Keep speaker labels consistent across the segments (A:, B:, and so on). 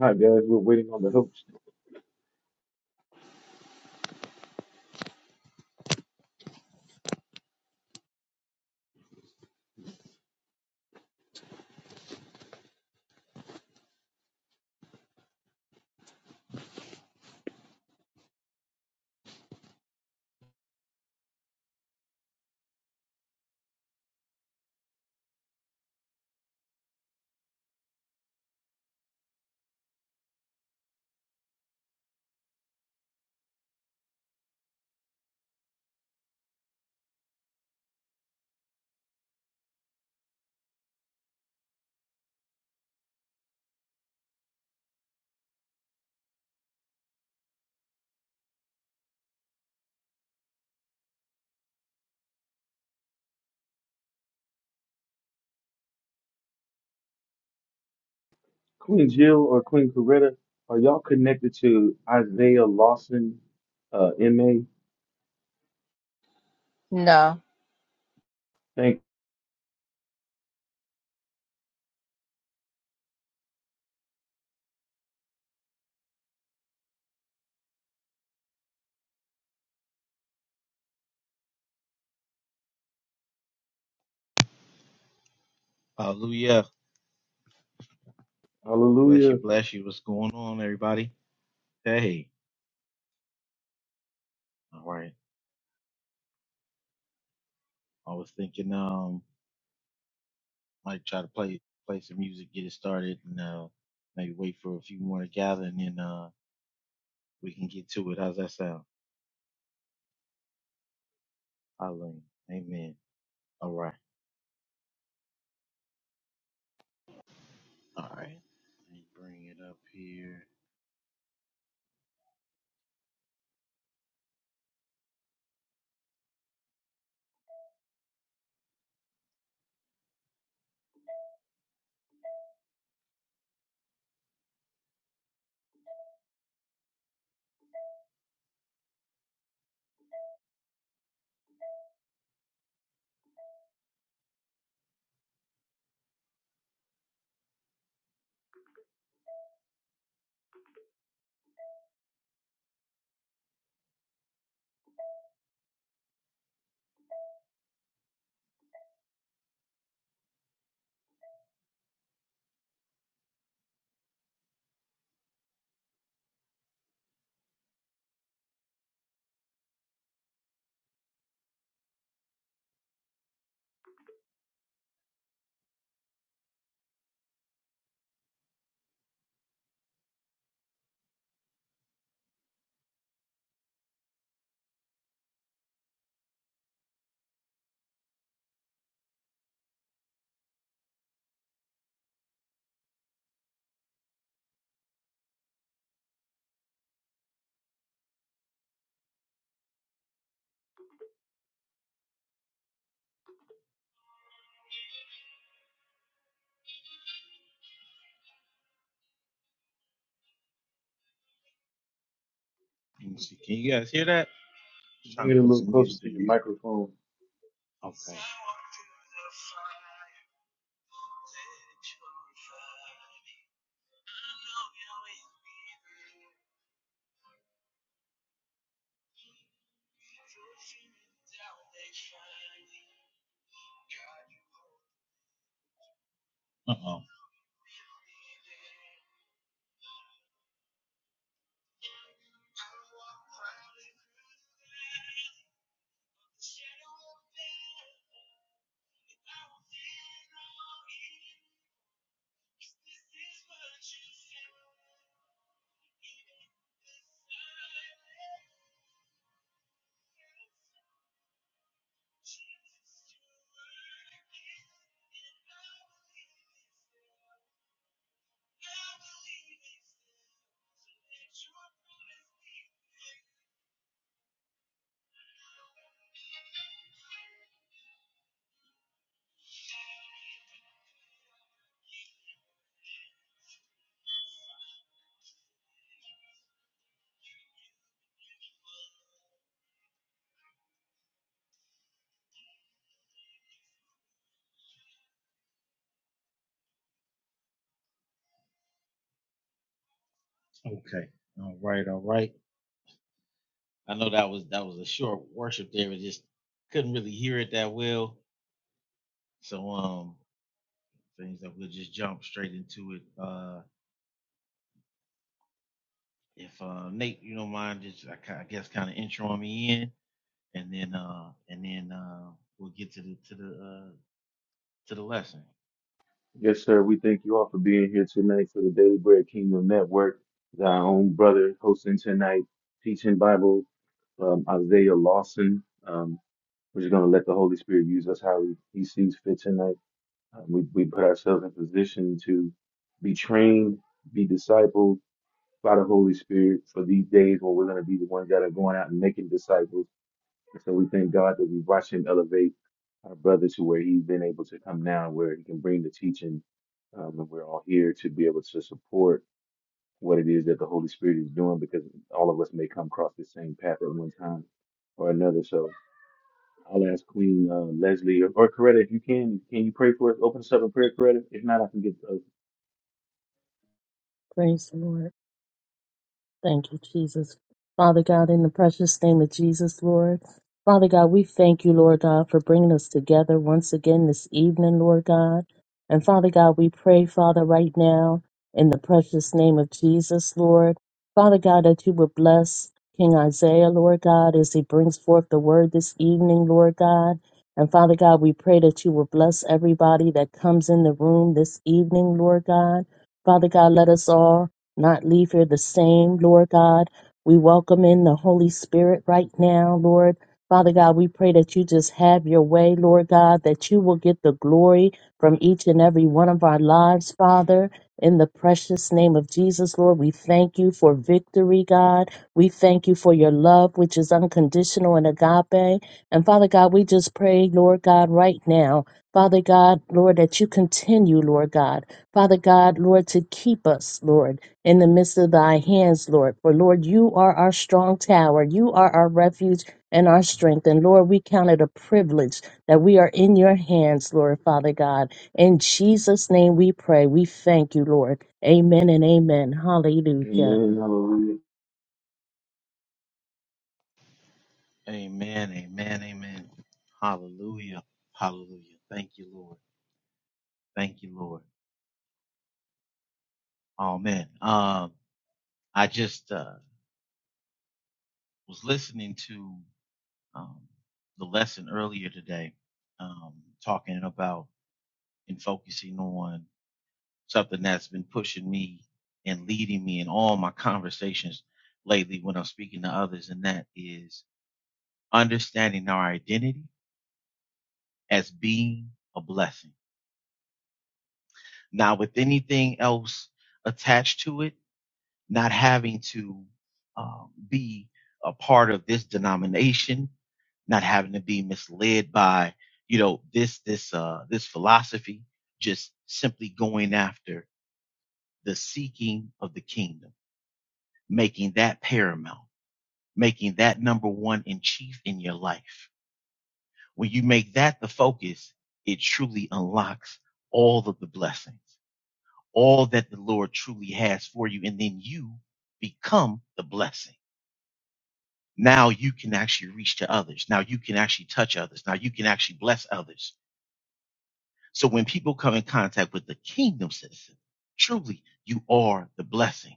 A: Hi guys, we're waiting on the host. Queen Jill or Queen Coretta, are y'all connected to Isaiah Lawson, uh, MA?
B: No.
A: Thank
C: Hallelujah. Bless you,
A: hallelujah.
C: bless you. What's going on, everybody? Hey. All right. I was thinking um I might try to play play some music, get it started, and uh maybe wait for a few more to gather and then uh we can get to it. How's that sound? Hallelujah. Amen. All right. All right. Let me bring it up here. Let me see. Can you guys hear that? Just trying
A: Bring
C: to
A: it a
C: put
A: little
C: some
A: closer
C: music
A: to
C: in
A: your
C: there.
A: microphone.
C: Okay. Uh oh. Okay. All right, all right. I know that was that was a short worship there. It just couldn't really hear it that well. So um, things that we'll just jump straight into it. Uh, if uh, Nate, you don't mind, just I, I guess kind of introing me in, and then uh, and then uh, we'll get to the to the uh, to the lesson.
A: Yes, sir. We thank you all for being here tonight for the Daily Bread Kingdom Network. Our own brother hosting tonight, teaching Bible, um, Isaiah Lawson. Um, we're just going to let the Holy Spirit use us how he, he sees fit tonight. Uh, we, we put ourselves in position to be trained, be discipled, by the Holy Spirit for these days when we're going to be the ones that are going out and making disciples. And so we thank God that we watch him elevate our brother to where he's been able to come now, where he can bring the teaching. Um, and we're all here to be able to support what it is that the Holy Spirit is doing because all of us may come across the same path at one time or another. So I'll ask Queen uh, Leslie or, or Coretta if you can, can you pray for us? Open us up in prayer, Coretta. If not, I can get. Uh,
D: Praise the Lord. Thank you, Jesus. Father God, in the precious name of Jesus, Lord. Father God, we thank you, Lord God, for bringing us together once again this evening, Lord God. And Father God, we pray, Father, right now, in the precious name of Jesus, Lord. Father God, that you would bless King Isaiah, Lord God, as he brings forth the word this evening, Lord God. And Father God, we pray that you will bless everybody that comes in the room this evening, Lord God. Father God, let us all not leave here the same, Lord God. We welcome in the Holy Spirit right now, Lord. Father God, we pray that you just have your way, Lord God, that you will get the glory from each and every one of our lives, Father. In the precious name of Jesus, Lord, we thank you for victory, God. We thank you for your love, which is unconditional and agape. And Father God, we just pray, Lord God, right now, Father God, Lord, that you continue, Lord God, Father God, Lord, to keep us, Lord in the midst of thy hands, Lord. For Lord, you are our strong tower. You are our refuge and our strength. And Lord, we count it a privilege that we are in your hands, Lord, Father God. In Jesus' name we pray. We thank you, Lord. Amen and amen. Hallelujah.
A: Amen. Hallelujah.
C: Amen. Amen. Amen. Hallelujah. Hallelujah. Thank you, Lord. Thank you, Lord. Amen. Um, I just uh, was listening to um, the lesson earlier today, um, talking about and focusing on something that's been pushing me and leading me in all my conversations lately when I'm speaking to others, and that is understanding our identity as being a blessing. Not with anything else attached to it, not having to um, be a part of this denomination, not having to be misled by, you know, this, this, uh, this philosophy, just simply going after the seeking of the kingdom, making that paramount making that number one in chief in your life. When you make that the focus, it truly unlocks all of the blessings, all that the Lord truly has for you. And then you become the blessing. Now you can actually reach to others. Now you can actually touch others. Now you can actually bless others. So when people come in contact with the kingdom citizen, truly you are the blessing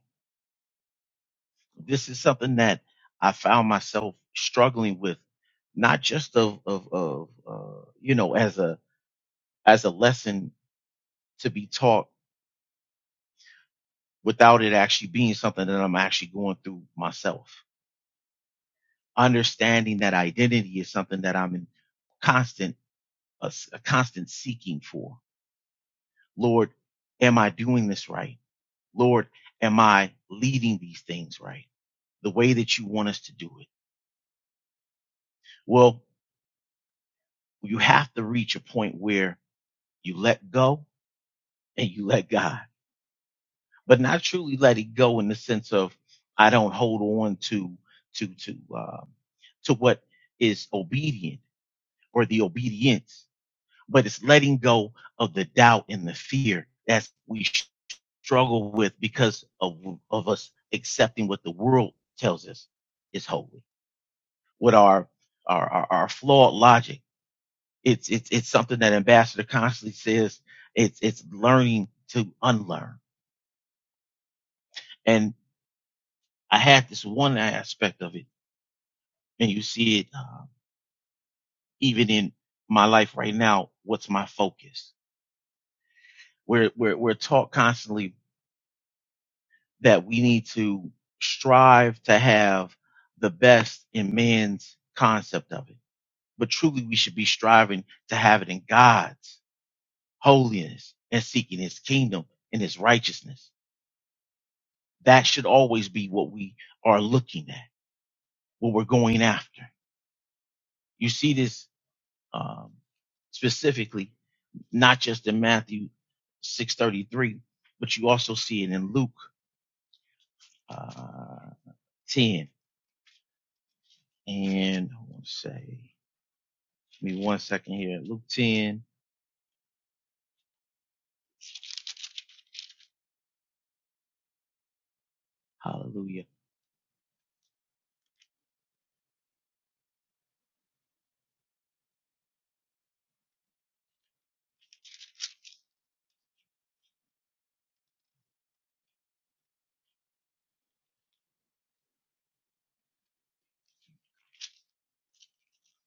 C: this is something that I found myself struggling with, not just of of of uh, you know as a as a lesson to be taught without it actually being something that I'm actually going through myself. Understanding that identity is something that I'm in constant a, s- a constant seeking for. Lord, am I doing this right? Lord, am I leading these things right? The way that you want us to do it. Well, you have to reach a point where you let go and you let God, but not truly let it go in the sense of I don't hold on to to to uh, to what is obedient or the obedience, but it's letting go of the doubt and the fear that we struggle with because of of us accepting what the world tells us is holy with our our our, our flawed logic. It's it's it's something that Ambassador constantly says. It's it's learning to unlearn and. I had this one aspect of it, and you see it uh, even in my life right now. What's my focus? We're we're we're taught constantly that we need to strive to have the best in man's concept of it, but truly we should be striving to have it in God's holiness and seeking His kingdom and His righteousness. That should always be what we are looking at, what we're going after. You see this um, specifically not just in Matthew 6:33, but you also see it in Luke uh, 10. And I want to say, give me one second here. Luke 10. Hallelujah.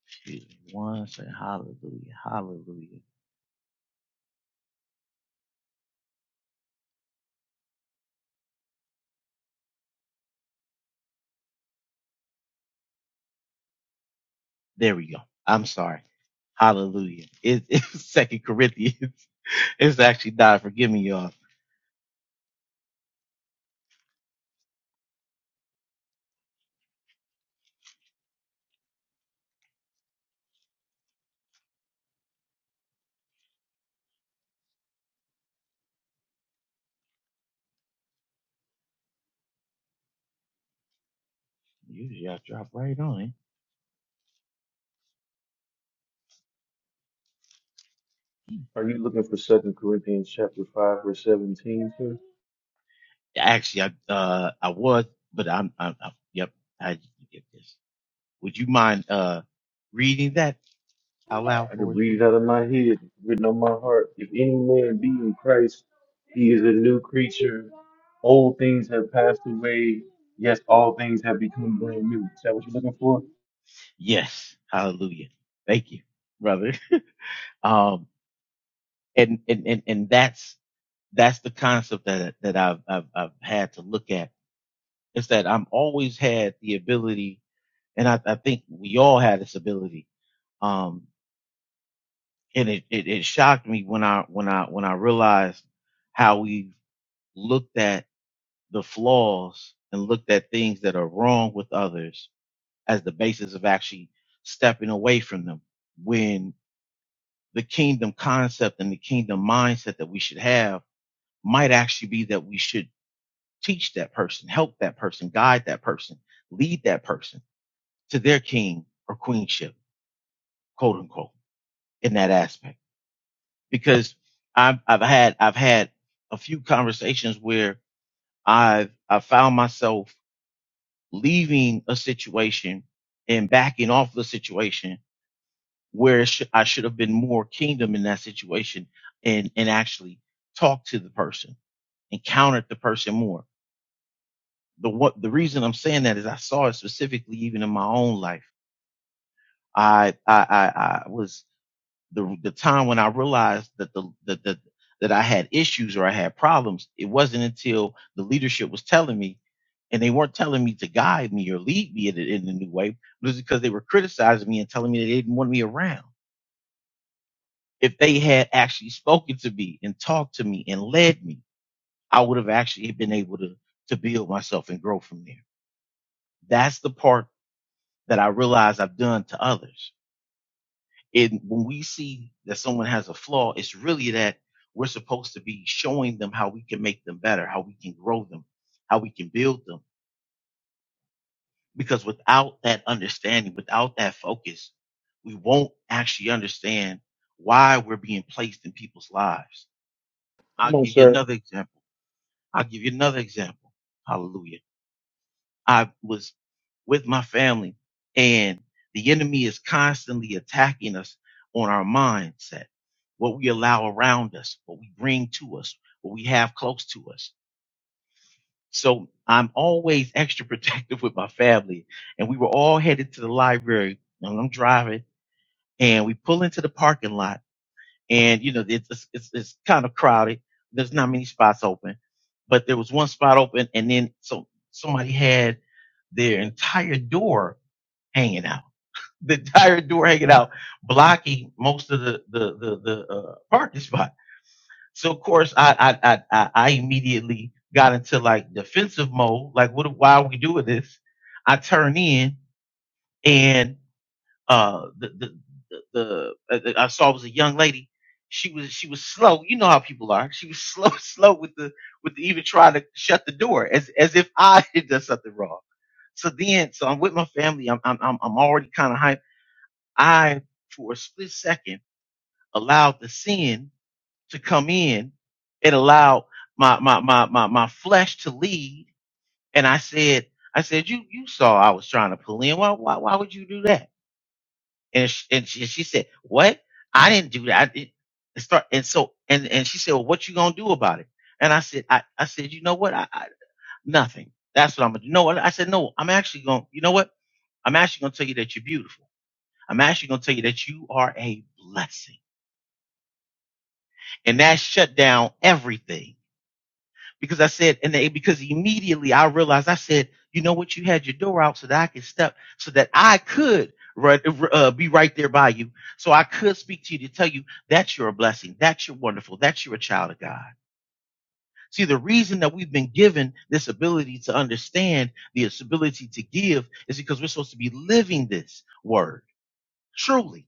C: Excuse me One second. Hallelujah. Hallelujah. There we go. I'm sorry. Hallelujah. It, it's Second Corinthians. It's actually not. Forgive me, y'all. Usually I drop right on it.
A: Are you looking for Second Corinthians chapter five verse seventeen, sir?
C: Actually, I uh I was, but I'm I'm, I'm yep. I get this. Would you mind uh reading that out loud
A: I
C: for
A: can
C: us,
A: read it
C: please?
A: out of my head, written on my heart. If any man be in Christ, he is a new creature. Old things have passed away. Yes, all things have become brand new. Is that what you're looking for?
C: Yes. Hallelujah. Thank you, brother. Um and and and, and that's that's the concept that that I've, I've I've had to look at is that I'm always had the ability and I, I think we all had this ability. Um and it, it, it shocked me when I when I when I realized how we looked at the flaws and looked at things that are wrong with others as the basis of actually stepping away from them when the kingdom concept and the kingdom mindset that we should have might actually be that we should teach that person, help that person, guide that person, lead that person to their king or queenship, quote unquote, in that aspect. Because I've, I've had, I've had a few conversations where I've, I found myself leaving a situation and backing off the situation where it I should have been more kingdom in that situation and, and actually talked to the person, encountered the person more. The what, the reason I'm saying that is I saw it specifically even in my own life. I, I, I, I was the, the time when I realized that the, that, that, that I had issues or I had problems. It wasn't until the leadership was telling me and they weren't telling me to guide me or lead me in, a- in a new way, but it was because they were criticizing me and telling me that they didn't want me around if they had actually spoken to me and talked to me and led me, I would have actually been able to, to build myself and grow from there. That's the part that I realize I've done to others. And when we see that someone has a flaw, it's really that we're supposed to be showing them how we can make them better, how we can grow them, how we can build them. Because without that understanding, without that focus, we won't actually understand why we're being placed in people's lives. I'll
A: Come on,
C: give you
A: sir.
C: another example I'll give you another example. Hallelujah. I was with my family and the enemy is constantly attacking us on our mindset, what we allow around us, what we bring to us, what we have close to us. So I'm always extra protective with my family and we were all headed to the library and I'm driving and we pull into the parking lot and you know it's it's, it's, kind of crowded. There's not many spots open, but there was one spot open, and then so somebody had their entire door hanging out, the entire door hanging out, blocking most of the the the, the uh, parking spot. So of course I I I I immediately got into like defensive mode, like what why are we doing this? I turn in and. Uh, the the the, the uh, I saw was a young lady. She was she was slow. You know how people are. She was slow slow with the with even trying to shut the door as as if I had done something wrong. So then, so I'm with my family. I'm I'm I'm I'm already kind of hyped. I, for a split second, allowed the sin to come in. It allowed my my my my my flesh to lead, and I said, I said, you you saw I was trying to pull in. Why why why would you do that? And she, and she, she said, "What? I didn't do that." I didn't start and so and and she said, "Well, what you gonna do about it?" And I said, "I I said, you know what? I, I nothing. That's what I'm gonna do. No, I said, no. I'm actually gonna. You know what? I'm actually gonna tell you that you're beautiful. I'm actually gonna tell you that you are a blessing." And that shut down everything because I said, and they, because immediately I realized, I said, you know what? You had your door out so that I could step, so that I could run, uh, be right there by you. So I could speak to you to tell you that you're a blessing. That you're wonderful. That you're a child of God. See, the reason that we've been given this ability to understand this ability to give is because we're supposed to be living this word truly.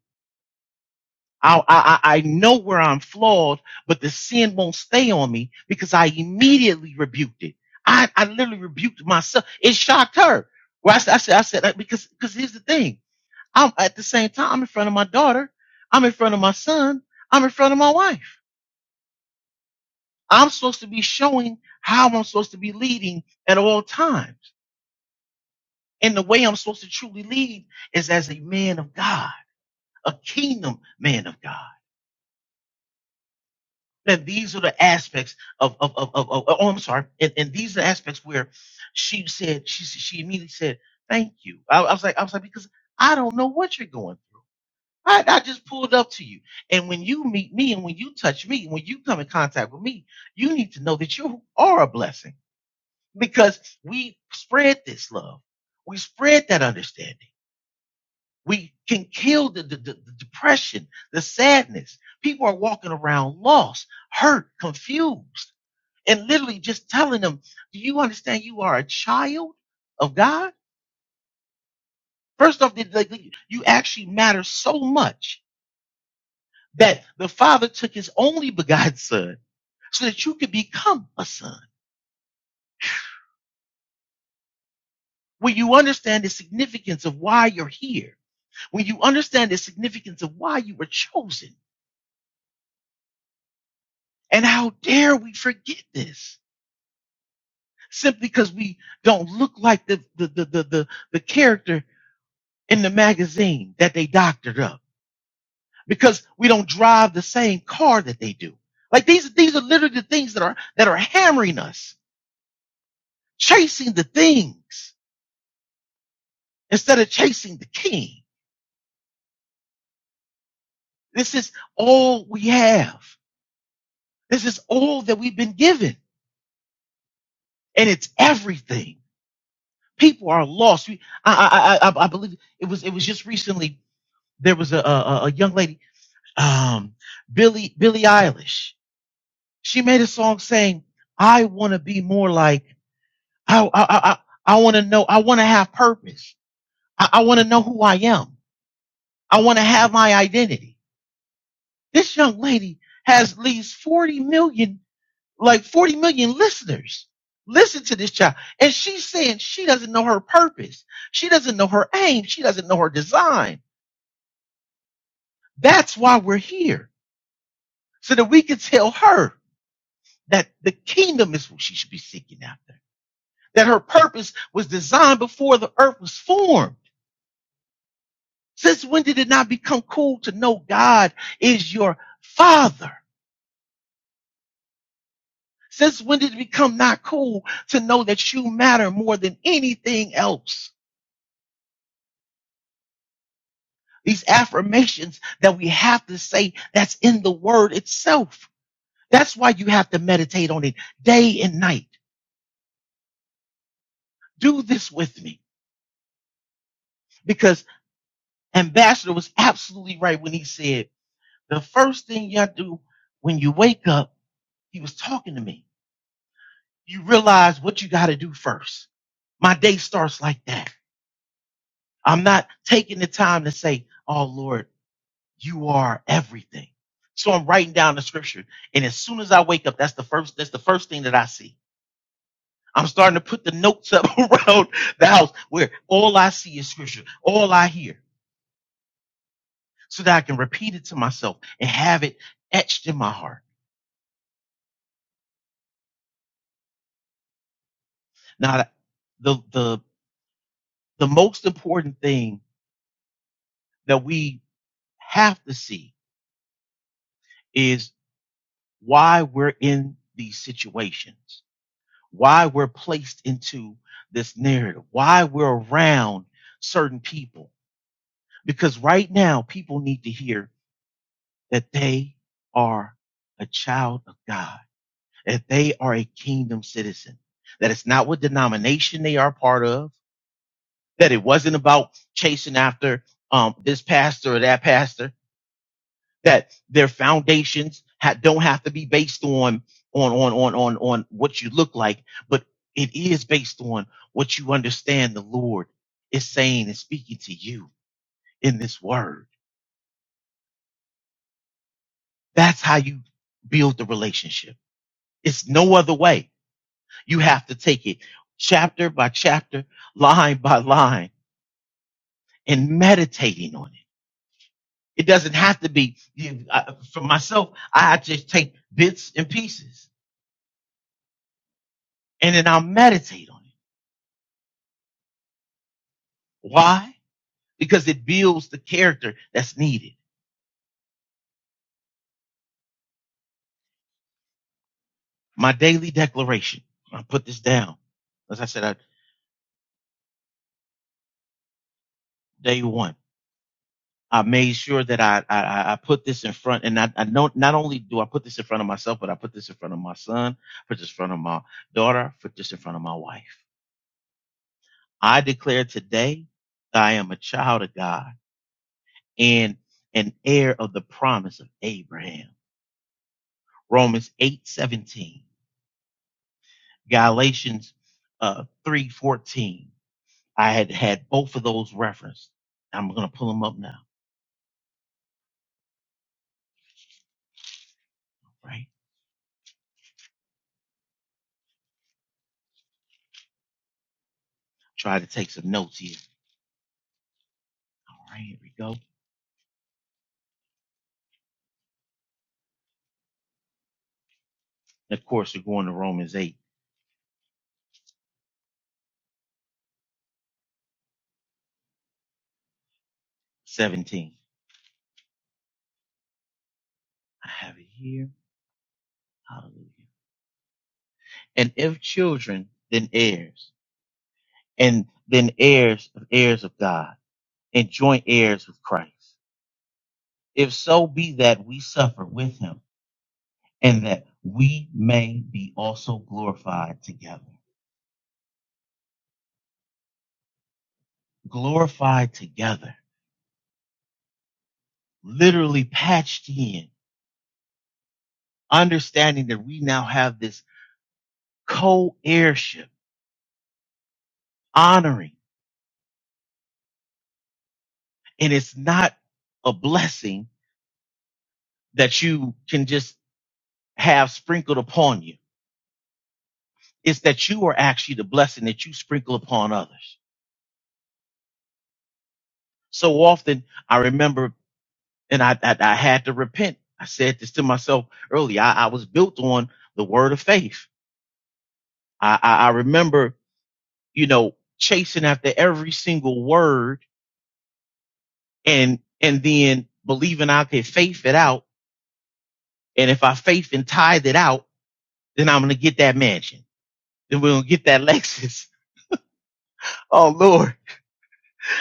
C: I, I, I know where I'm flawed, but the sin won't stay on me because I immediately rebuked it. I, I literally rebuked myself. It shocked her. Well, I said, I said, I said, uh, because, because here's the thing. I'm at the same time, I'm in front of my daughter. I'm in front of my son. I'm in front of my wife. I'm supposed to be showing how I'm supposed to be leading at all times. And the way I'm supposed to truly lead is as a man of God, a kingdom man of God. And these are the aspects of of of, of, of- oh, I'm sorry. And, and these are the aspects where she said she she immediately said thank you. I, I was like I was like because I don't know what you're going through. I, I just pulled up to you, and when you meet me, and when you touch me, when you come in contact with me, you need to know that you are a blessing because we spread this love, we spread that understanding. We can kill the, the, the the depression, the sadness. People are walking around lost, hurt, confused and literally just telling them, "Do you understand you are a child of God?" First off, did- like, you actually matter so much that the Father took His only begotten Son so that you could become a son. When you understand the significance of why you're here, when you understand the significance of why you were chosen, and how dare we forget this simply because we don't look like the the the the the, the character in the magazine that they doctored up because we don't drive the same car that they do. Like these, these are literally the things that are, that are hammering us, chasing the things instead of chasing the king. This is all we have. This is all that we've been given and it's everything. People are lost. We, I, I, I, I believe it was, it was just recently there was a, a, a young lady, um, Billy, Billie Eilish. She made a song saying, I want to be more like I I I, I want to know. I want to have purpose. I, I want to know who I am. I want to have my identity. This young lady has at least forty million, like forty million listeners. Listen to this child, and she's saying she doesn't know her purpose. She doesn't know her aim. She doesn't know her design. That's why we're here, so that we can tell her that the kingdom is what she should be seeking after. That her purpose was designed before the earth was formed Since when did it not become cool to know God is your father? Since when did it become not cool to know that you matter more than anything else? These affirmations that we have to say that's in the word itself. That's why you have to meditate on it day and night. Do this with me because Ambassador was absolutely right when he said the first thing you have to do when you wake up, he was talking to me you realize what you got to do first. My day starts like that. I'm not taking the time to say, Oh Lord, you are everything. So I'm writing down the scripture. And as soon as I wake up, that's the first, that's the first thing that I see. I'm starting to put the notes up around the house where all I see is scripture, all I hear, so that I can repeat it to myself and have it etched in my heart. Now, the, the, the most important thing that we have to see is why we're in these situations, why we're placed into this narrative, why we're around certain people. Because right now, people need to hear that they are a child of God, that they are a kingdom citizen, that it's not what denomination they are part of, that it wasn't about chasing after um, this pastor or that pastor that their foundations ha- don't have to be based on on on on on on what you look like, but it is based on what you understand the Lord is saying and speaking to you in this word. That's how you build the relationship. It's no other way. You have to take it chapter by chapter, line by line, and meditating on it. It doesn't have to be. You, I, for myself, I just take bits and pieces, and then I'll meditate on it Why? Because it builds the character that's needed. My daily declaration. I put this down. As I said, I, day one, I made sure that I, I, I put this in front and I, I know not only do I put this in front of myself, but I put this in front of my son, put this in front of my daughter, put this in front of my wife. I declare today that I am a child of God and an heir of the promise of Abraham. Romans eight seventeen, Galatians uh, three fourteen. I had had both of those referenced. I'm going to pull them up now, right? Try to take some notes here. All right, here we go. And of course, we're going to Romans eight seventeen. I have it here. Hallelujah. And if children, then heirs, and then heirs of heirs of God, and joint heirs with Christ. If so be that we suffer with him, and that we may be also glorified together. Glorified together. Literally patched in understanding that we now have this co-heirship, honoring, and it's not a blessing that you can just have sprinkled upon you. It's that you are actually the blessing that you sprinkle upon others. So often I remember, and I, I, I had to repent. I said this to myself earlier. I, I was built on the word of faith. I, I, I remember, you know, chasing after every single word and, and then believing I could faith it out And if I faith and tithe it out, then I'm gonna get that mansion. Then we're gonna get that Lexus. Oh Lord.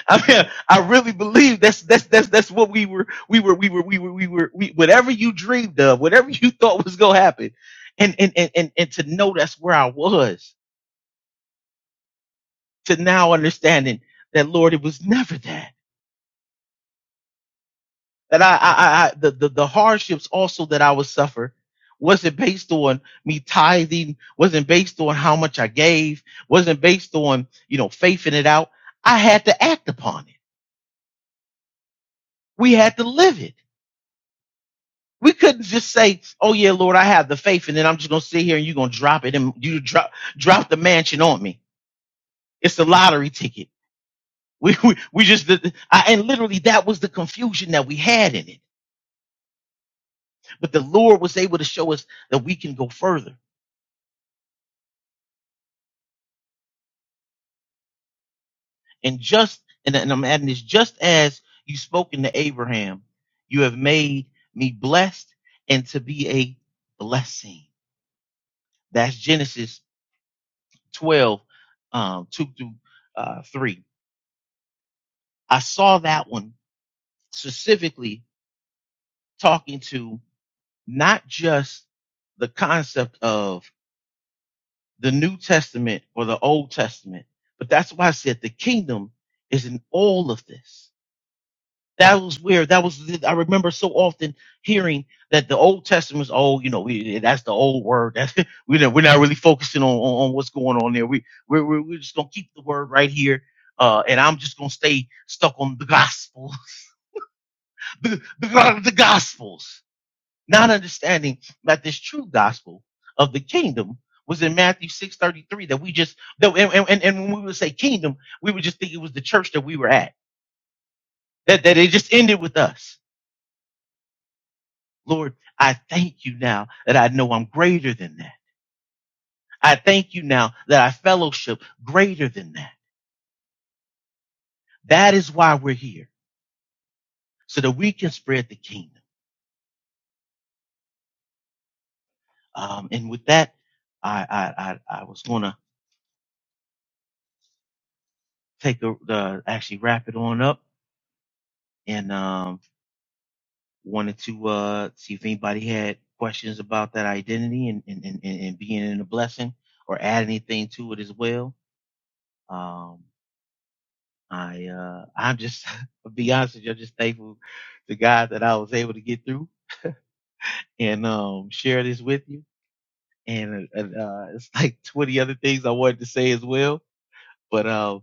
C: I mean, I really believe that's that's that's that's what we were we were we were we were we were we, whatever you dreamed of, whatever you thought was gonna happen. And and and and, and to know that's where I was, to now understanding that Lord, it was never that. that I, I, I the, the, the hardships also that I would suffer wasn't based on me tithing, wasn't based on how much I gave, wasn't based on, you know, faithing it out. I had to act upon it. We had to live it. We couldn't just say, Oh yeah, Lord, I have the faith. And then I'm just going to sit here and you're going to drop it and you drop, drop the mansion on me. It's a lottery ticket. We, we, we just, I, and literally that was the confusion that we had in it. But the Lord was able to show us that we can go further And just and, and I'm adding this just as you spoken to Abraham, you have made me blessed and to be a blessing. That's Genesis 12, um, 2 through uh, 3. I saw that one specifically talking to not just the concept of the New Testament or the Old Testament, but that's why I said the kingdom is in all of this That was weird. That was I remember so often hearing that the Old Testament's oh, you know, we, that's the old word. That's we know we're not really focusing on, on, on what's going on there. We we're, we're we're just gonna keep the word right here, uh, and I'm just gonna stay stuck on the gospel, the, the the gospels, not understanding that this true gospel of the kingdom was in Matthew six thirty three. That we just that and and and when we would say kingdom, we would just think it was the church that we were at. That that it just ended with us Lord, I thank you now that I know I'm greater than that. I thank you now that I fellowship greater than that. That is why we're here, so that we can spread the kingdom. Um, and with that, I I I, I was gonna take a, the actually wrap it on up, and um, wanted to uh see if anybody had questions about that identity and and and, and and being in a blessing or add anything to it as well. Um, I uh I'm just to be honest with you, I'm just thankful to God that I was able to get through and um share this with you. And uh, uh it's like 20 other things I wanted to say as well, but uh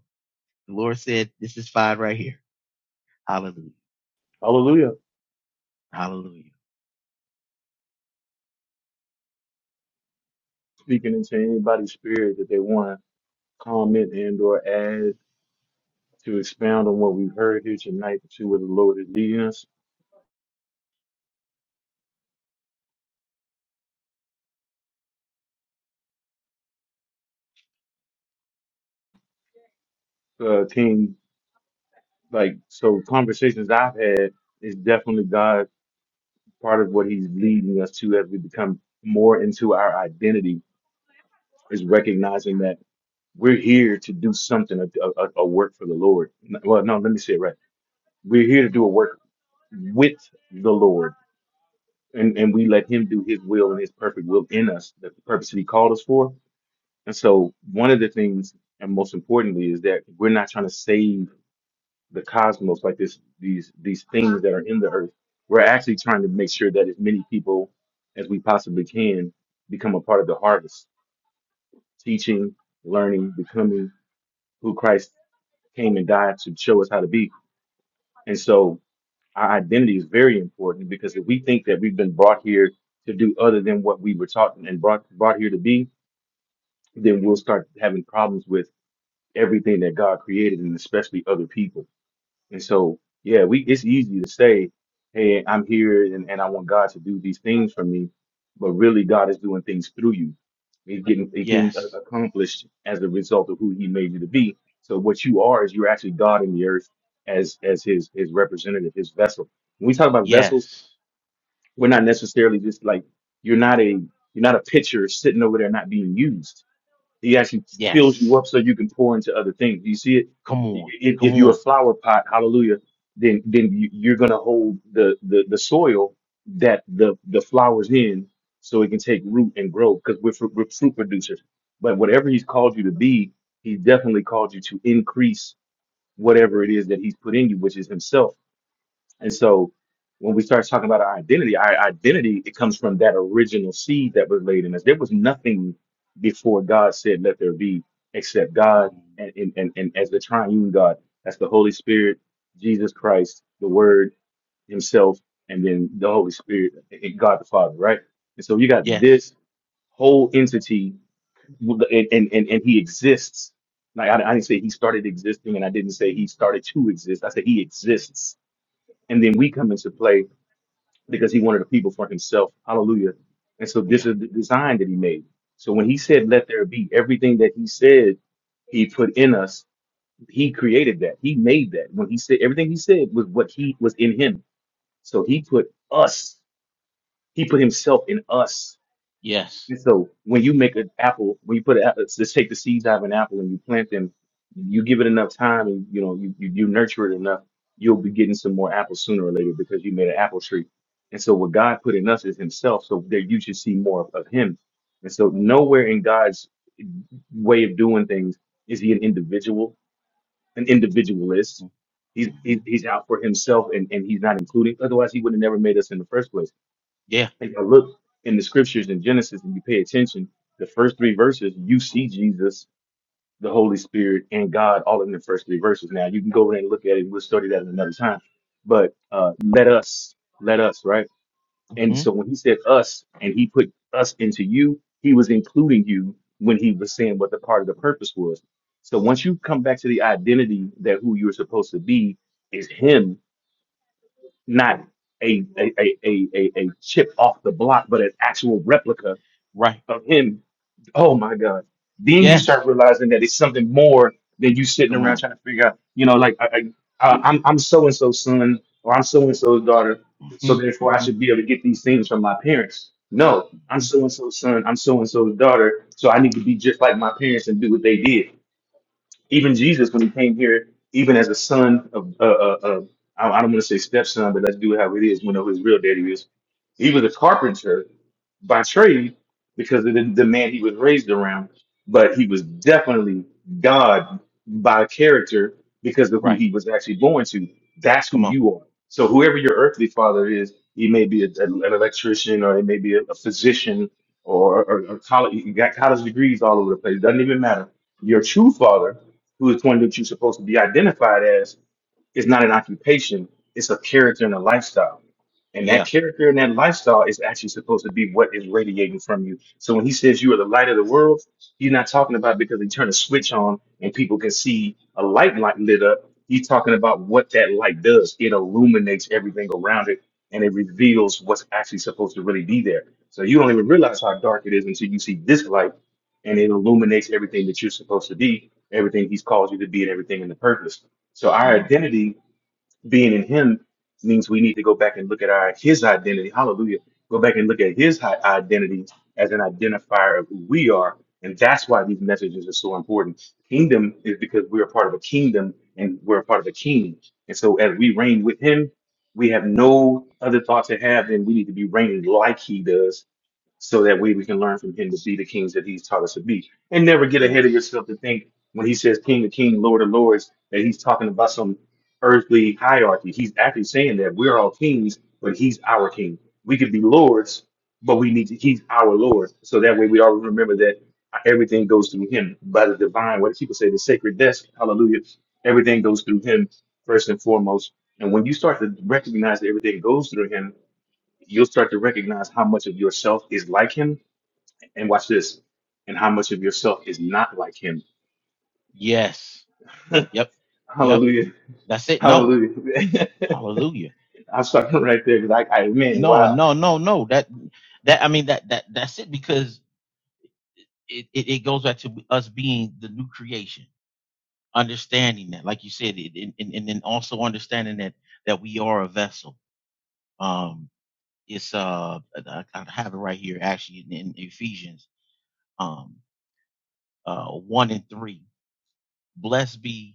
C: the Lord said this is fine right here. Hallelujah.
A: Hallelujah.
C: Hallelujah.
A: Speaking into anybody's spirit that they want to comment and or add to expound on what we've heard here tonight to see where the Lord is leading us. Uh, King, like so conversations I've had is definitely God part of what he's leading us to as we become more into our identity is recognizing that we're here to do something, a, a, a work for the Lord. Well, no, let me say it right. We're here to do a work with the Lord, and, and we let Him do His will and His perfect will in us, the purpose that He called us for. And so, one of the things, and most importantly, is that we're not trying to save. the cosmos, like this these these things that are in the earth. We're actually trying to make sure that as many people as we possibly can become a part of the harvest, teaching, learning, becoming who Christ came and died to show us how to be. And so our identity is very important because if we think that we've been brought here to do other than what we were taught and brought brought here to be, then we'll start having problems with everything that God created and especially other people And so, yeah, we it's easy to say, "Hey, I'm here and, and I want God to do these things for me," but really, God is doing things through you. He's getting a thing a-
C: Yes.
A: accomplished as a result of who He made you to be. So, what you are is you're actually God in the earth as as His His representative, His vessel. When we talk about vessels,
C: Yes.
A: we're not necessarily just like you're not a you're not a pitcher sitting over there not being used he actually fills you
C: Yes.
A: up so you can pour into other things. You see it.
C: Come on.
A: If,
C: Come
A: if you're a
C: on.
A: flower pot, hallelujah, then then you- you're gonna hold the the, the soil that the the flowers in, so it can take root and grow. Because we're fruit, we're fruit producers. But whatever He's called you to be, He definitely called you to increase whatever it is that He's put in you, which is Himself. And so when we start talking about our identity, our identity, it comes from that original seed that was laid in us. There was nothing before God said, let there be, except God
C: Mhm.
A: and, and, and, and as the triune God, that's the Holy Spirit, Jesus Christ, the Word Himself, and then the Holy Spirit, and God the Father, right? And so you got
C: Yes.
A: this whole entity, and, and, and, and He exists. Like I, I didn't say He started existing, and I didn't say He started to exist. I said He exists. And then we come into play because he wanted a people for himself. Hallelujah. And so this
C: Yeah.
A: is the design that he made. So when he said, let there be, everything that he said, he put in us, he created that. He made that. When he said, everything he said was what he was in him. So he put us, he put himself in us.
C: Yes.
A: And so when you make an apple, when you put a, let's just take the seeds out of an apple and you plant them, you give it enough time and you know you, you you nurture it enough, you'll be getting some more apples sooner or later because you made an apple tree. And so what God put in us is Himself, so that you should see more of, of Him. And so nowhere in God's way of doing things is He an individual, an individualist.
C: hmm
A: He's
C: hmm
A: he, he's out for Himself and and He's not
C: hmm
A: including. Otherwise, He would have never made us in the first place
C: Yeah.
A: if I look in the scriptures in Genesis and you pay attention, the first three verses, you see Jesus, the Holy Spirit, and God all in the first three verses. Now you can go in and look at it. We'll study that at another time. But uh, let us, let us, right? And
C: hmm
A: so when he said us and he put us into you, he was including you when he was saying what the part of the purpose was. So once you come back to the identity that who you're supposed to be is him, not a a, a, a, a a chip off the block, but an actual replica
C: Right.
A: of him. Oh my God. Then you
C: Yes.
A: start realizing that it's something more than you sitting
C: Come
A: around
C: on.
A: trying to figure out, you know, like I, I, uh, I'm, I'm so and so's son or I'm so and so's daughter. So
C: hmm
A: therefore I
C: hmm
A: should be able to get these things from my parents. No, I'm so and so's son. I'm so and so's daughter. So I need to be just like my parents and do what they did. Even Jesus, when he came here, even as a son of, uh, uh, uh, I I don't want to say stepson, but let's do it how it is. We know who his real daddy is. He was a carpenter by trade because of the, the man he was raised around, but he was definitely God by character because of who
C: Right.
A: he was actually born to. That's who
C: Come on.
A: you are. So whoever your earthly father is, he may be a, an electrician or he may be a, a physician or, or, or college, you got college degrees all over the place. Doesn't even matter. Your true father who is one that you're supposed to be identified as, is not an occupation, it's a character and a lifestyle. And that
C: Yeah.
A: character and that lifestyle is actually supposed to be what is radiating from you. So when he says you are the light of the world, he's not talking about because he turned a switch on and people can see a light light lit up. He's talking about what that light does. It illuminates everything around it and it reveals what's actually supposed to really be there. So you don't even realize how dark it is until you see this light and it illuminates everything that you're supposed to be, everything he's called you to be, and everything in the purpose. So our
C: Come on.
A: identity being in him means we need to go back and look at our his identity. Hallelujah. Go back and look at his hi- identity as an identifier of who we are. And that's why these messages are so important. Kingdom is because we're a part of a kingdom and we're a part of a king. And so as we reign with him, we have no other thought to have than we need to be reigning like he does so that way we can learn from him to be the kings that he's taught us to be and never get ahead of
C: Yes.
A: yourself to think when he says king of king lord of lords that he's talking about some earthly hierarchy he's actually saying that we're all kings but he's our king we could be lords but we need to he's our lord so that way we always remember that everything goes through him by the divine what people say the sacred desk hallelujah everything goes through him first and foremost and when you start to recognize that everything goes through him you'll start to recognize how much of yourself is like him. And watch this, and how much of yourself is not like him.
C: Yes. Yep. Yep.
A: Hallelujah.
C: That's it. No.
A: Hallelujah.
C: Hallelujah.
A: I'm stopping right there because I, I, man,
C: No,
A: wow.
C: no, no, no. That, that, I mean, that, that, that's it because it, it, it goes back to us being the new creation, understanding that, like you said, it, and, and, and then also understanding that, that we are a vessel. Um, it's, uh, I, I have it right here actually in, in Ephesians, um, uh, one and three. Blessed be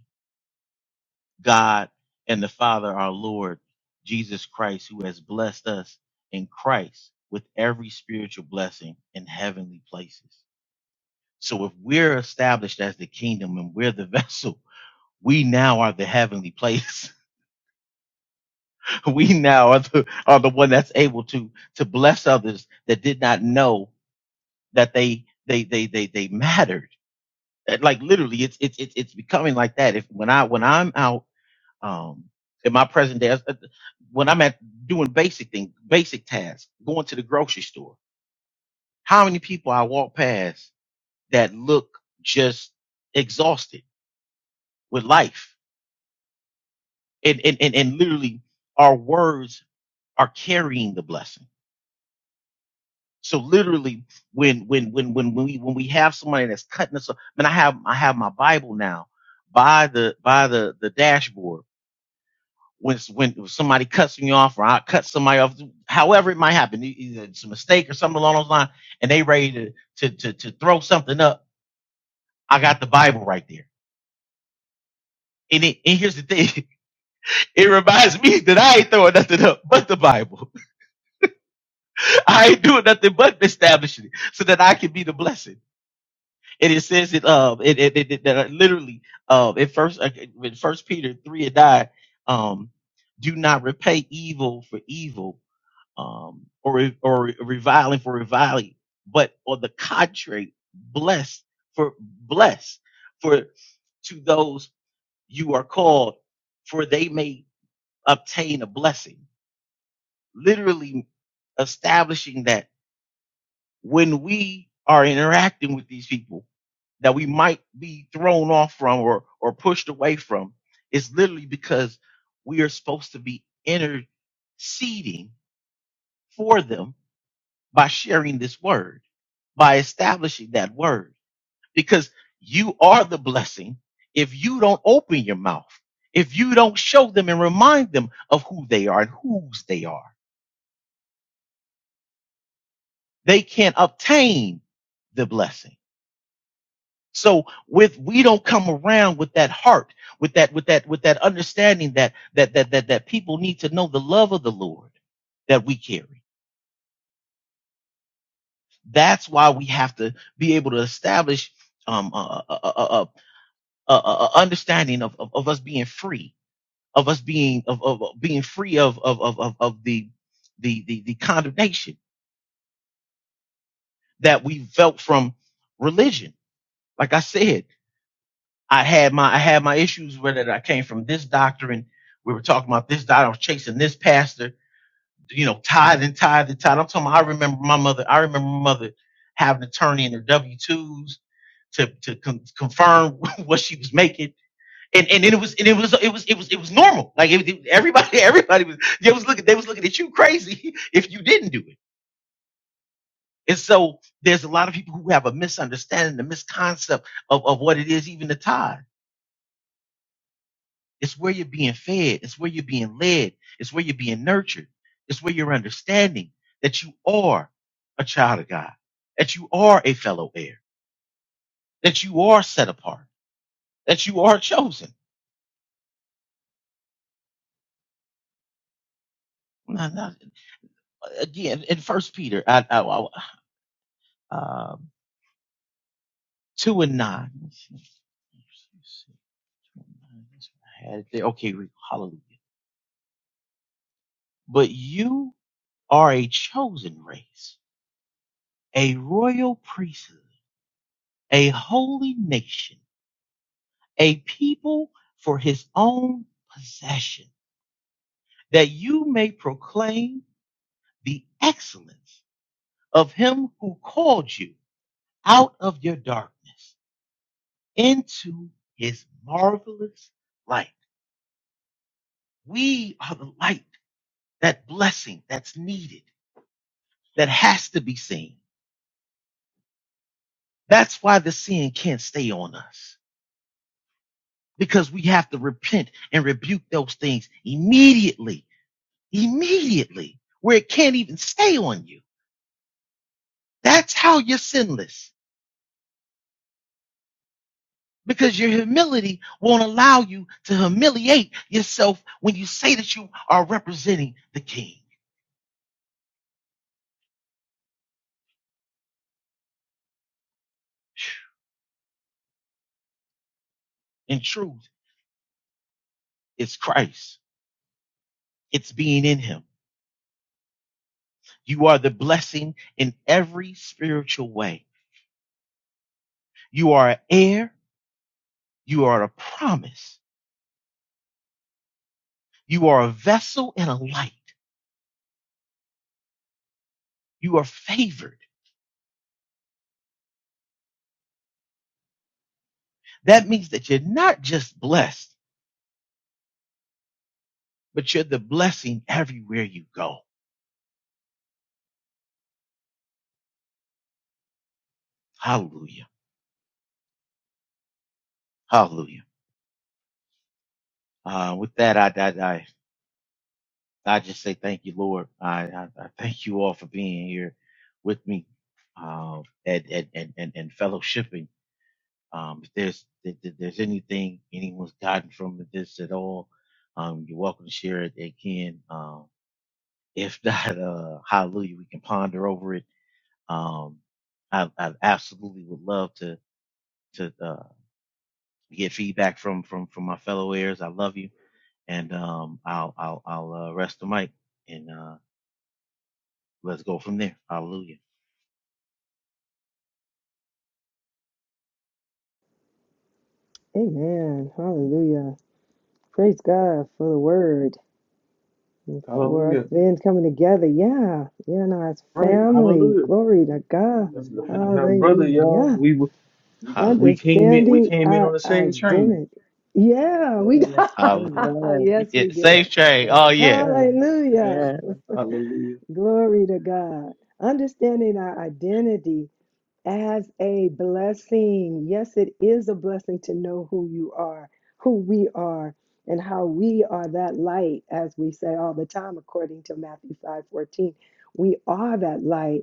C: God and the Father, our Lord Jesus Christ, who has blessed us in Christ with every spiritual blessing in heavenly places. So if we're established as the kingdom and we're the vessel, we now are the heavenly place. we now are the, are the one that's able to, to bless others that did not know that they, they, they, they, they mattered. Like literally it's, it's, it's, it's becoming like that. If when I, when I'm out um in my present day uh, when i'm at doing basic things basic tasks going to the grocery store how many people i walk past that look just exhausted with life and and and, and literally our words are carrying the blessing so literally when when when when when we when we have somebody that's cutting us off, I mean, I have I have my Bible now by the by the the dashboard when when somebody cuts me off or I cut somebody off, however it might happen, e- either it's a mistake or something along those lines, and they ready to to to, to throw something up. I got the Bible right there. And, it, and here's the thing, it reminds me that I ain't throwing nothing up but the Bible. I ain't doing nothing but establishing it so that I can be the blessing. And it says it um it it, it, it- that literally um in first uh, in first Peter three and nine um do not repay evil for evil um, or or reviling for reviling, but on the contrary, bless for bless for to those you are called, for they may obtain a blessing. Literally establishing that when we are interacting with these people that we might be thrown off from or or pushed away from, it's literally because we are supposed to be interceding for them by sharing this word, by establishing that word, because you are the blessing if you don't open your mouth, if you don't show them and remind them of who they are and whose they are. They can't obtain the blessing. So with we don't come around with that heart, with that with that with that understanding that that that that that people need to know the love of the Lord that we carry. That's why we have to be able to establish um, a, a, a, a understanding of, of, of us being free, of us being of, of of being free of of of of, of the, the the the condemnation that we felt from religion. Like I said, I had my I had my issues with it. I came from this doctrine. We were talking about this doctrine. I was chasing this pastor. You know, tithe and tithe and tithe. I'm talking. About, I remember my mother. I remember my mother having to turn in her W twos to to con- confirm what she was making and and it was and it was it was it was it was normal. Like it, it- everybody everybody was they was looking they was looking at you crazy if you didn't do it. And so there's a lot of people who have a misunderstanding, a misconcept of, of what it is, even the tithe. It's where you're being fed, it's where you're being led, it's where you're being nurtured, it's where you're understanding that you are a child of God, that you are a fellow heir, that you are set apart, that you are chosen. Not- not- again, in First Peter, I, I, I- um, two and nine. I had it there. Okay, hallelujah. But you are a chosen race, a royal priesthood, a holy nation, a people for his own possession, that you may proclaim the excellence of him who called you out of your darkness into his marvelous light. We are the light that blessing that's needed, that has to be seen. That's why the sin can't stay on us because we have to repent and rebuke those things immediately, immediately, where it can't even stay on you. That's how you're sinless because your humility won't allow you to humiliate yourself when you say that you are representing the King. In truth, it's Christ, it's being in Him. You are the blessing in every spiritual way You are an heir. You are a promise. You are a vessel and a light. You are favored. That means that you're not just blessed, but you're the blessing everywhere you go. Hallelujah. Hallelujah. Uh, with that, I, I, I, I just say thank you, Lord. I, I, I thank you all for being here with me, uh, and, and, and, and, and fellowshipping. Um, if there's, if there's anything anyone's gotten from this at all, um, you're welcome to share it again. Um, If not, uh, hallelujah, we can ponder over it. Um, I, I absolutely would love to to uh, get feedback from from from my fellow heirs. I love you, and um, I'll I'll I'll uh, rest the mic and uh, let's go from there. Hallelujah,
E: Amen. Hallelujah. Praise God for the word and for us
A: Hallelujah.
E: then coming together. Yeah. You know, as
A: Right.
E: family.
A: Hallelujah.
E: Glory to God.
A: That's
D: Amen.
A: our brother,
D: Amen.
A: y'all.
E: Hallelujah.
A: We, were- we we
C: hallelujah,
A: came in, we
E: Understanding
A: came in on
E: our
A: the same train.
E: identity. Yeah, we got.
C: hallelujah.
D: Amen.
E: yes,
C: Yeah,
E: we
C: safe
E: did.
C: trade. Oh
D: Amen.
C: yeah,
D: Amen.
E: Hallelujah.
D: Yes.
A: Hallelujah.
E: Glory to God. Understanding our identity as a blessing. Yes, it is a blessing to know who you are, who we are, and how we are that light, as we say all the time, according to Matthew 5 14, We are that light.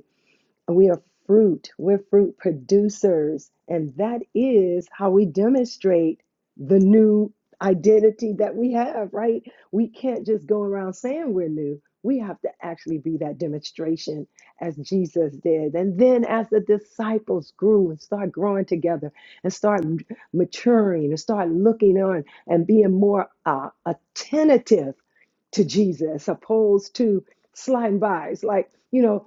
E: We are fruit. We're fruit producers. And that is how we demonstrate the new identity that we have, right? We can't just go around saying we're new. We have to actually be that demonstration as Jesus did. And then as the disciples grew and start growing together and start maturing and start looking on and being more uh, attentive to Jesus opposed to sliding by. It's like, you know,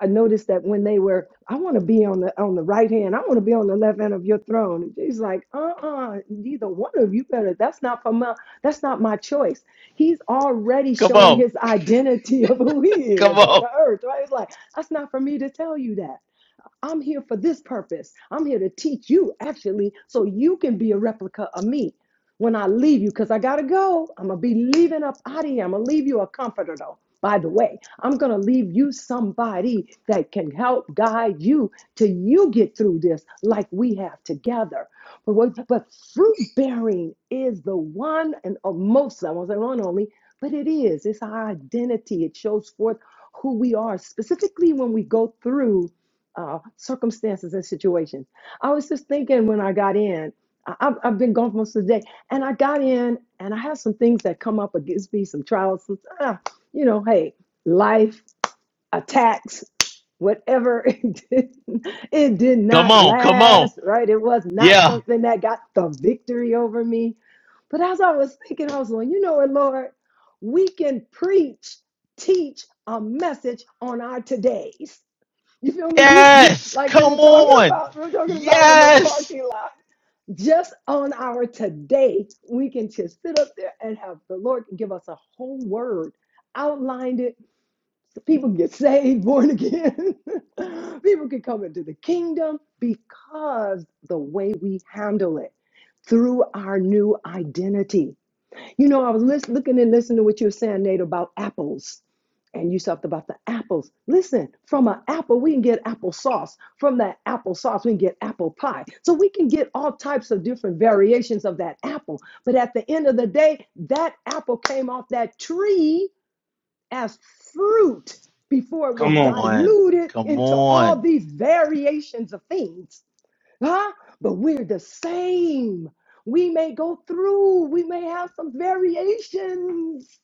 E: I noticed that when they were, I want to be on the on the right hand, I want to be on the left hand of your throne. And he's like, uh-uh, neither one of you better. That's not for my that's not my choice. He's already
C: come
E: showing
C: on,
E: his identity of who he
C: come
E: is on
C: on,
E: the earth, right? It's like, that's not for me to tell you that. I'm here for this purpose. I'm here to teach you, actually, so you can be a replica of me when I leave you, because I got to go. I'm going to be leaving up out of here. I'm going to leave you a comforter, though. By the way, I'm going to leave you somebody that can help guide you till you get through this like we have together. But, what, but fruit bearing is the one and uh, most, I won't say one only, but it is. It's our identity. It shows forth who we are, specifically when we go through uh, circumstances and situations. I was just thinking when I got in, I, I've I've been gone for most of the day, and I got in, and I have some things that come up against me, some trials, some, ah, you know, hey, life, attacks, whatever. It did, it did
C: come
E: not
C: on, come on.
E: last, right? It was not
C: Yeah,
E: something that got the victory over me. But as I was thinking, I was going, you know what, Lord, we can preach, teach a message on our todays you feel me? You you
C: yes,
E: like
C: come
E: you're talking
C: on,
E: about we're talking about in the
C: yes,
E: parking lot. Just on our today, we can just sit up there and have the Lord can give us a whole word, outlined it, so people get saved, born again. people can come into the kingdom because the way we handle it through our new identity. You know, I was lis- looking and listening to what you were saying, Nate, about apples. And you talked about the apples. Listen, from an apple, we can get applesauce. From that applesauce, we can get apple pie. So we can get all types of different variations of that apple. But at the end of the day, that apple came off that tree as fruit before it was
A: Come
C: come
A: on.
C: on,
E: diluted
C: come
E: into all
C: on,
E: these variations of things huh? But we're the same. We may go through, we may have some variations,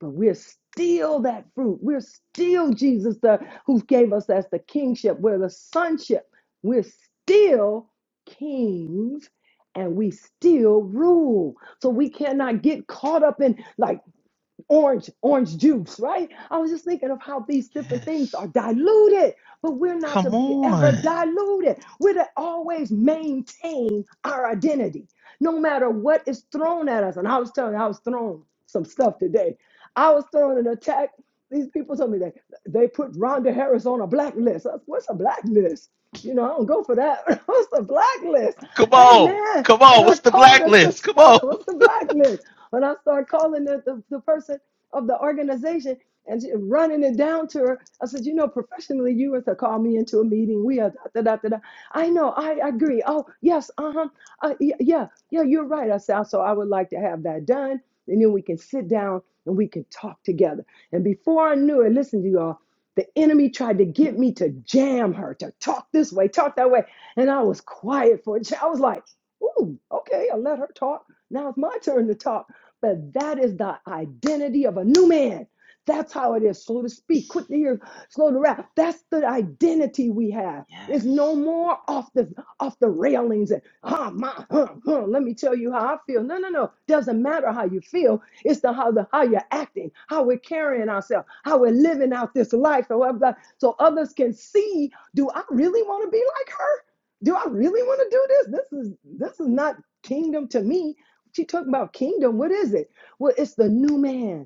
E: but we're still that fruit. We're still Jesus, the who gave us as the kingship. We're the sonship. We're still kings and we still rule. So we cannot get caught up in like orange orange juice right i was just thinking of how these different things
C: yes.
E: are diluted but we're not to
C: Come
E: be ever
C: on.
E: diluted we're to always maintain our identity no matter what is thrown at us. And I was telling you, I was thrown some stuff today. I was thrown an attack. These people told me that they put Rhonda Harris on a blacklist. I was, What's a blacklist? You know, I don't go for that. What's a blacklist?
C: Come
E: Hey,
C: on.
E: man,
C: Come
E: when
C: on.
E: I
C: What's the
E: called this,
C: blacklist? Come on.
E: what's the blacklist? When I start calling the, the, the person of the organization, and she- running it down to her. I said, you know, professionally, you were to call me into a meeting. We are da da da da. da. I know. I agree. Oh yes. Uh-huh. Uh y- Yeah. Yeah. You're right. I said. So I would like to have that done, and then we can sit down and we can talk together. And before I knew it, listen to you all. The enemy tried to get me to jam her, to talk this way, talk that way. And I was quiet for a ch- I was like, ooh, okay, I let her talk. Now it's my turn to talk. But that is the identity of a new man. That's how it is. Slow to speak, quick to hear, slow to wrath. That's the identity we have. It's no
C: Yes.
E: more off the off the railings and huh, my, huh, huh, let me tell you how I feel. No, no, no. Doesn't matter how you feel. It's the how the how you're acting, how we're carrying ourselves, how we're living out this life, or whatever. So others can see. Do I really want to be like her? Do I really want to do this? This is this is not kingdom to me. She talking about kingdom. What is it? Well, it's the new man.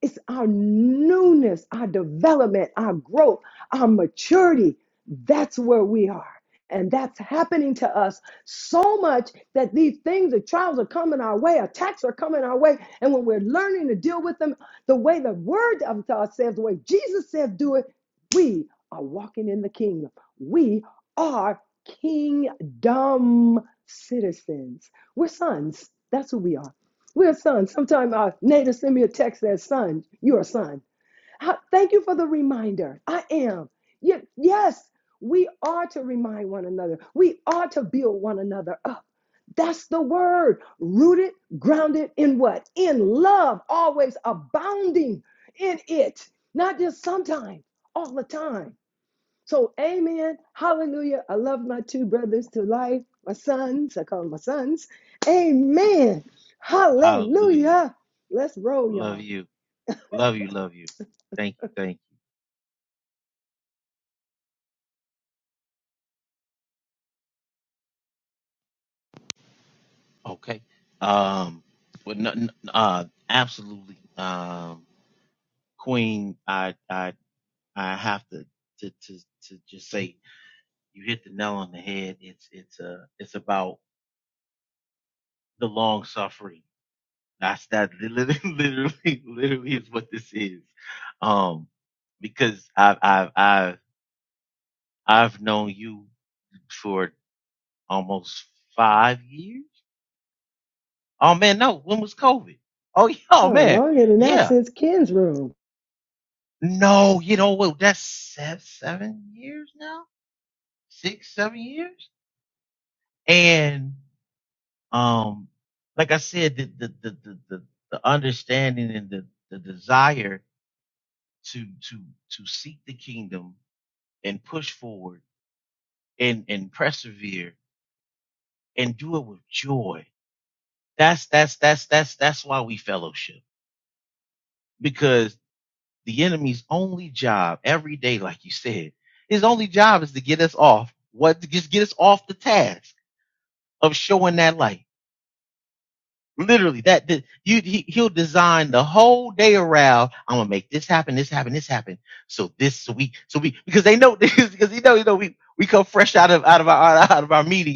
E: It's our newness, our development, our growth, our maturity. That's where we are. And that's happening to us so much that these things, the trials are coming our way, attacks are coming our way. And when we're learning to deal with them the way the word of God says, the way Jesus says, do it, we are walking in the kingdom. We are kingdom citizens. We're sons. That's who we are. We're sons. Sometimes our neighbor send me a text that son, you're a son. I- thank you for the reminder. I am. Ye- Yes, we are to remind one another. We are to build one another up. That's the word. Rooted, grounded in what? In love, always abounding in it. Not just sometimes, all the time. So, amen. Hallelujah. I love my two brothers to life, my sons. I call them my sons. Amen.
C: Hallelujah.
E: Hallelujah. Let's roll,
C: Love
E: y'all.
C: you. Love you. Love you. Thank you. Thank you. Okay. Um, but no, n- uh, absolutely. Um, Queen, I, I, I have to, to, to, to just say you hit the nail on the head. It's, it's, uh, it's about the long suffering. That's that literally, literally, literally is what this is. Um, because I've, I've, I've, I've known you for almost five years. Oh man, no, when was COVID? Oh yeah, oh
E: Oh,
C: man,
E: longer than that
C: yeah.
E: since Ken's room.
C: No, you know what? That's seven, seven years now, six, seven years. And, um, like I said, the, the, the, the, the, the understanding and the, the desire to, to, to seek the kingdom and push forward and and persevere and do it with joy. That's that's that's that's that's why we fellowship because the enemy's only job every day, like you said, his only job is to get us off what to just get us off the task of showing that light. Literally, that that- you he, he'll design the whole day around. I'm gonna make this happen, this happen, this happen. So this so we so we because they know because you know you know we we come fresh out of out of our out of our meetings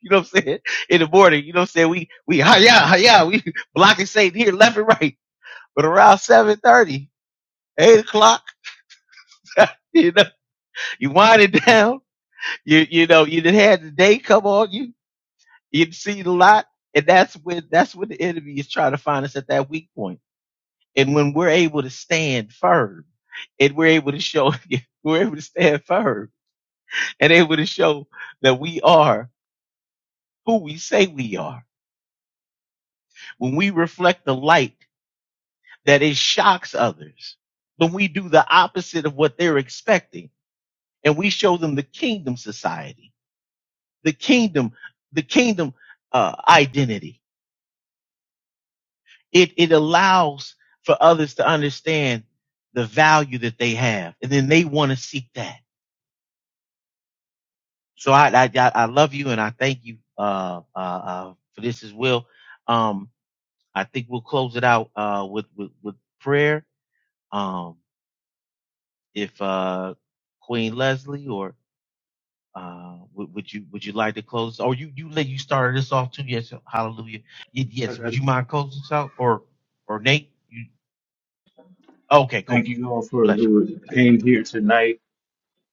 C: You know what I'm saying? In the morning, you know what I'm saying? We we hiya hiya, we blocking Satan here left and right. But around seven thirty, eight o'clock, you know, you wind it down. You you know, you didn't have the day come on you. You didn't see the lot, and that's when that's when the enemy is trying to find us at that weak point. And when we're able to stand firm, and we're able to show we're able to stand firm, and able to show that we are who we say we are. When we reflect the light that it shocks others when we do the opposite of what they're expecting and we show them the kingdom society, the kingdom, the kingdom uh, identity. It, it allows for others to understand the value that they have and then they want to seek that. So I, I, I love you and I thank you, uh, uh, uh, for this as well. Um, I think we'll close it out, uh, with, with, with prayer. Um, if, uh, Queen Leslie or Uh, would, would you would you like to close? Or you you let you started this off too? Yes, hallelujah. Y-
A: I
C: Yes,
A: got
C: would
A: it.
C: you mind closing us out? Or or Nate? You okay? Cool.
A: Thank you all for
C: Bless
A: who came here tonight,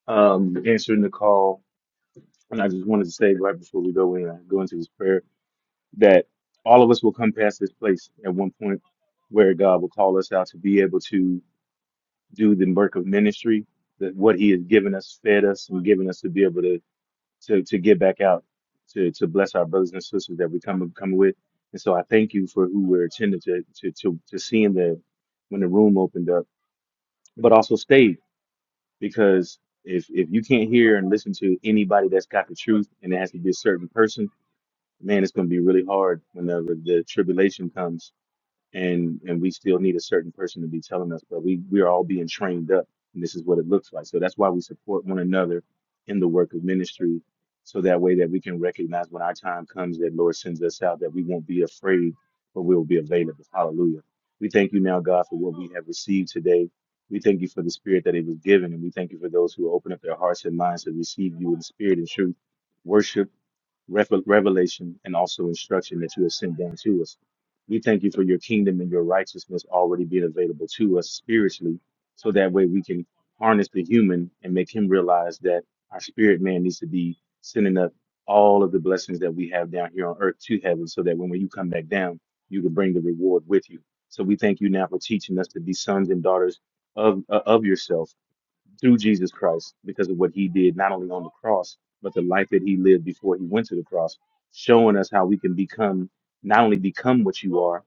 A: um, answering the call. And I just wanted to say right before we go in, I go into this prayer. that all of us will come past this place at one point where God will call us out to be able to do the work of ministry, that what He has given us, fed us, and given us to be able to to to get back out to to bless our brothers and sisters that we come come with. And so I thank you for who we're attended to to to, to seeing the when the room opened up, but also stayed because if if you can't hear and listen to anybody that's got the truth and it has to be a certain person, man, it's going to be really hard when the the tribulation comes and and we still need a certain person to be telling us but we we're all being trained up and this is what it looks like so that's why we support one another in the work of ministry so that way that we can recognize when our time comes that lord sends us out that we won't be afraid but we will be available hallelujah we thank you now god for what we have received today we thank you for the spirit that it was given and we thank you for those who open up their hearts and minds to receive you in spirit and truth worship revel- revelation and also instruction that you have sent down to us. We thank you for your kingdom and your righteousness already being available to us spiritually, so that way we can harness the human and make him realize that our spirit man needs to be sending up all of the blessings that we have down here on earth to heaven, so that when you come back down, you can bring the reward with you. So we thank you now for teaching us to be sons and daughters of uh, of yourself through Jesus Christ because of what he did, not only on the cross, but the life that he lived before he went to the cross, showing us how we can become, not only become what you are,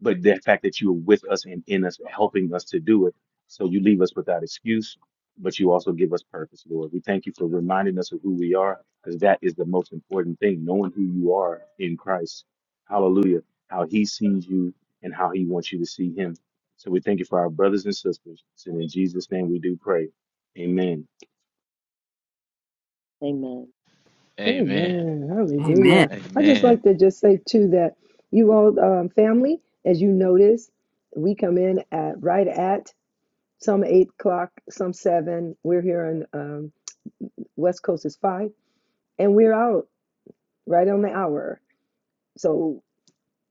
A: but the fact that you are with us and in us, helping us to do it. So you leave us without excuse, but you also give us purpose, Lord. We thank you for reminding us of who we are, because that is the most important thing, knowing who you are in Christ. Hallelujah. How he sees you and how he wants you to see him. So we thank you for our brothers and sisters. And in Jesus' name we do pray. Amen.
D: Amen.
C: you. Amen.
E: Amen.
F: Amen.
E: Hallelujah. I just
C: Amen.
E: like to just say, too, that you all, um, family, as you notice, we come in at right at some eight o'clock, some seven. We're here on um, West Coast is five, and we're out right on the hour. So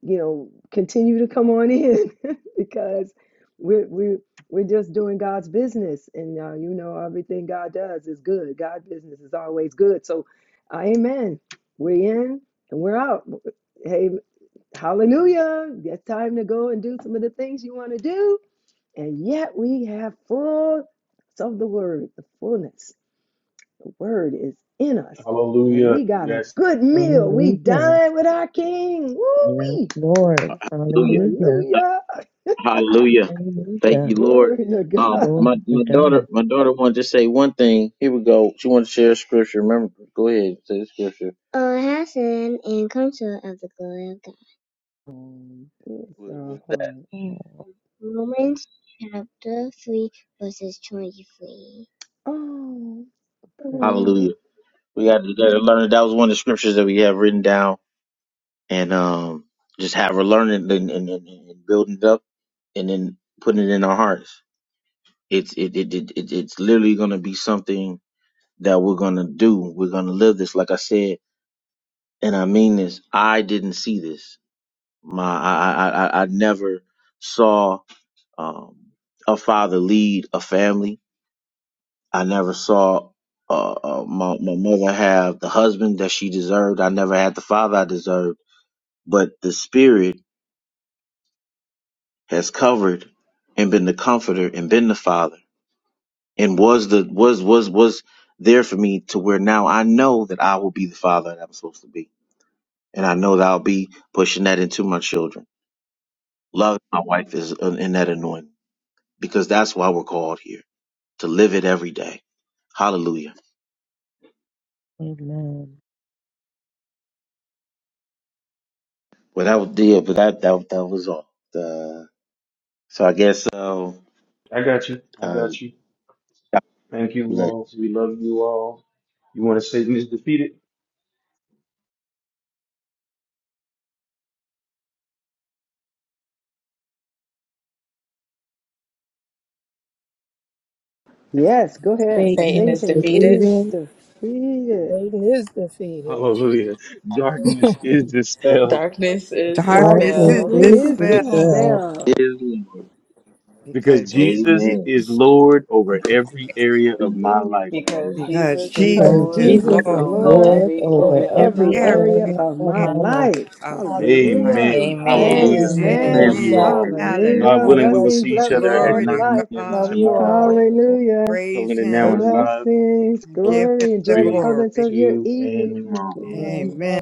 E: you know, continue to come on in because we're we're we're just doing God's business, and uh, you know everything God does is good. God's business is always good. So, uh, Amen. We're in and we're out. Hey, Hallelujah! It's time to go and do some of the things you want to do, and yet we have full of the Word. The fullness, the Word is in us, and
A: Hallelujah.
E: we got a
A: Yes.
E: good meal. We
D: Hallelujah.
E: dine with our King.
D: Yes,
E: Woo
D: Lord.
C: Hallelujah.
D: Hallelujah.
C: Uh,
E: Hallelujah.
C: Hallelujah. Thank
D: Hallelujah.
C: you, Lord.
E: Glory to
C: Um,
E: God.
D: Glory
C: my, my daughter,
D: to
C: my daughter wanted to say one thing. Here we go. She wanted to share a scripture. Remember, go ahead, say the scripture.
E: Um, It's
C: What-
E: our
C: What's that?
E: heart.
D: God.
E: Oh, precious.
D: Amen.
C: Hallelujah. We got to learn that. That was one of the scriptures that we have written down and um, just have her learning and, and, and, and building it up and then putting it in our hearts. It's it, it, it, it it's literally gonna be something that we're gonna do. We're gonna live this. Like I said, and I mean this. I didn't see this. My I I I, I I never saw um, a father lead a family. I never saw uh, uh, my my mother have the husband that she deserved. I never had the father I deserved. But the spirit. has covered and been the comforter and been the father and was the was was was there for me to where now I know that I will be the father that I'm supposed to be. And I know that I'll be pushing that into my children. Love my wife is in in that anointing because that's why we're called here to live it every day. Hallelujah.
D: Amen.
C: Well, that was yeah, but that that that was all. Uh, so I guess so.
A: I got you. I
C: uh,
A: got you.
C: God
A: Thank you
C: bless.
A: all. We love you all. You want to say Satan is defeated?
E: Yes, go ahead.
G: Satan
D: Satan
G: is
D: is
E: Satan
G: defeated.
E: is
D: defeated.
E: defeated.
H: Satan is defeated.
A: Hallelujah. Darkness is dispelled
G: Darkness is
F: Darkness
D: Darkness
H: Darkness
F: is
E: Darkness
G: dispelled
H: is
D: is
E: is
F: dispelled
H: dispelled
D: dispelled
C: It
E: dispelled
C: is Lord.
A: because
F: because
A: Jesus
F: he,
C: Amen.
A: is Lord over every area
C: Through
A: of
C: the
A: my
C: end
A: life.
C: of our
G: because
F: because
G: Jesus is
H: because
F: Jesus
E: because
D: because
G: Lord
F: is
C: life.
D: Jesus
E: Jesus
H: Jesus is
E: is
F: Lord
D: is
G: over
E: Lord
H: Lord
D: Lord
G: every
F: over
D: over
E: over
H: over
G: area of
H: every
G: my
D: every
E: every
H: area
G: life.
E: area
F: every
D: area
E: of
H: of
D: of
E: my
F: area
D: my
H: my life.
D: life.
E: life.
F: of my life.
H: Hallelujah.
E: Hallelujah.
A: Amen.
G: Amen.
A: Hallelujah.
H: Amen.
D: Amen.
A: Love
C: Then
H: Praise
E: Amen.
A: you
F: Amen.
H: God.
C: a
A: all.
F: Hallelujah.
C: man,
A: God
E: Hallelujah.
H: God
A: willing, we will
H: bless
E: Blessings.
A: see
H: you.
A: each
E: Love you
A: other at
E: all
F: Glory
E: to
F: to
A: 9
E: life.
A: a.m.
H: Love
F: God.
H: you
A: tomorrow morning.
H: all.
F: Oh,
E: Hallelujah.
F: praise
A: Calling it now
F: Him
A: in
C: Hallelujah,
A: five,
E: Blessings,
F: and
A: four,
F: give Him
E: glory,
F: the
E: enjoy the
A: three,
E: fullness of
F: glory.
E: your
A: two, and
C: it's
E: evening.
C: mom.
A: 1.
E: Love you.
H: Amen.
F: Amen.
H: Love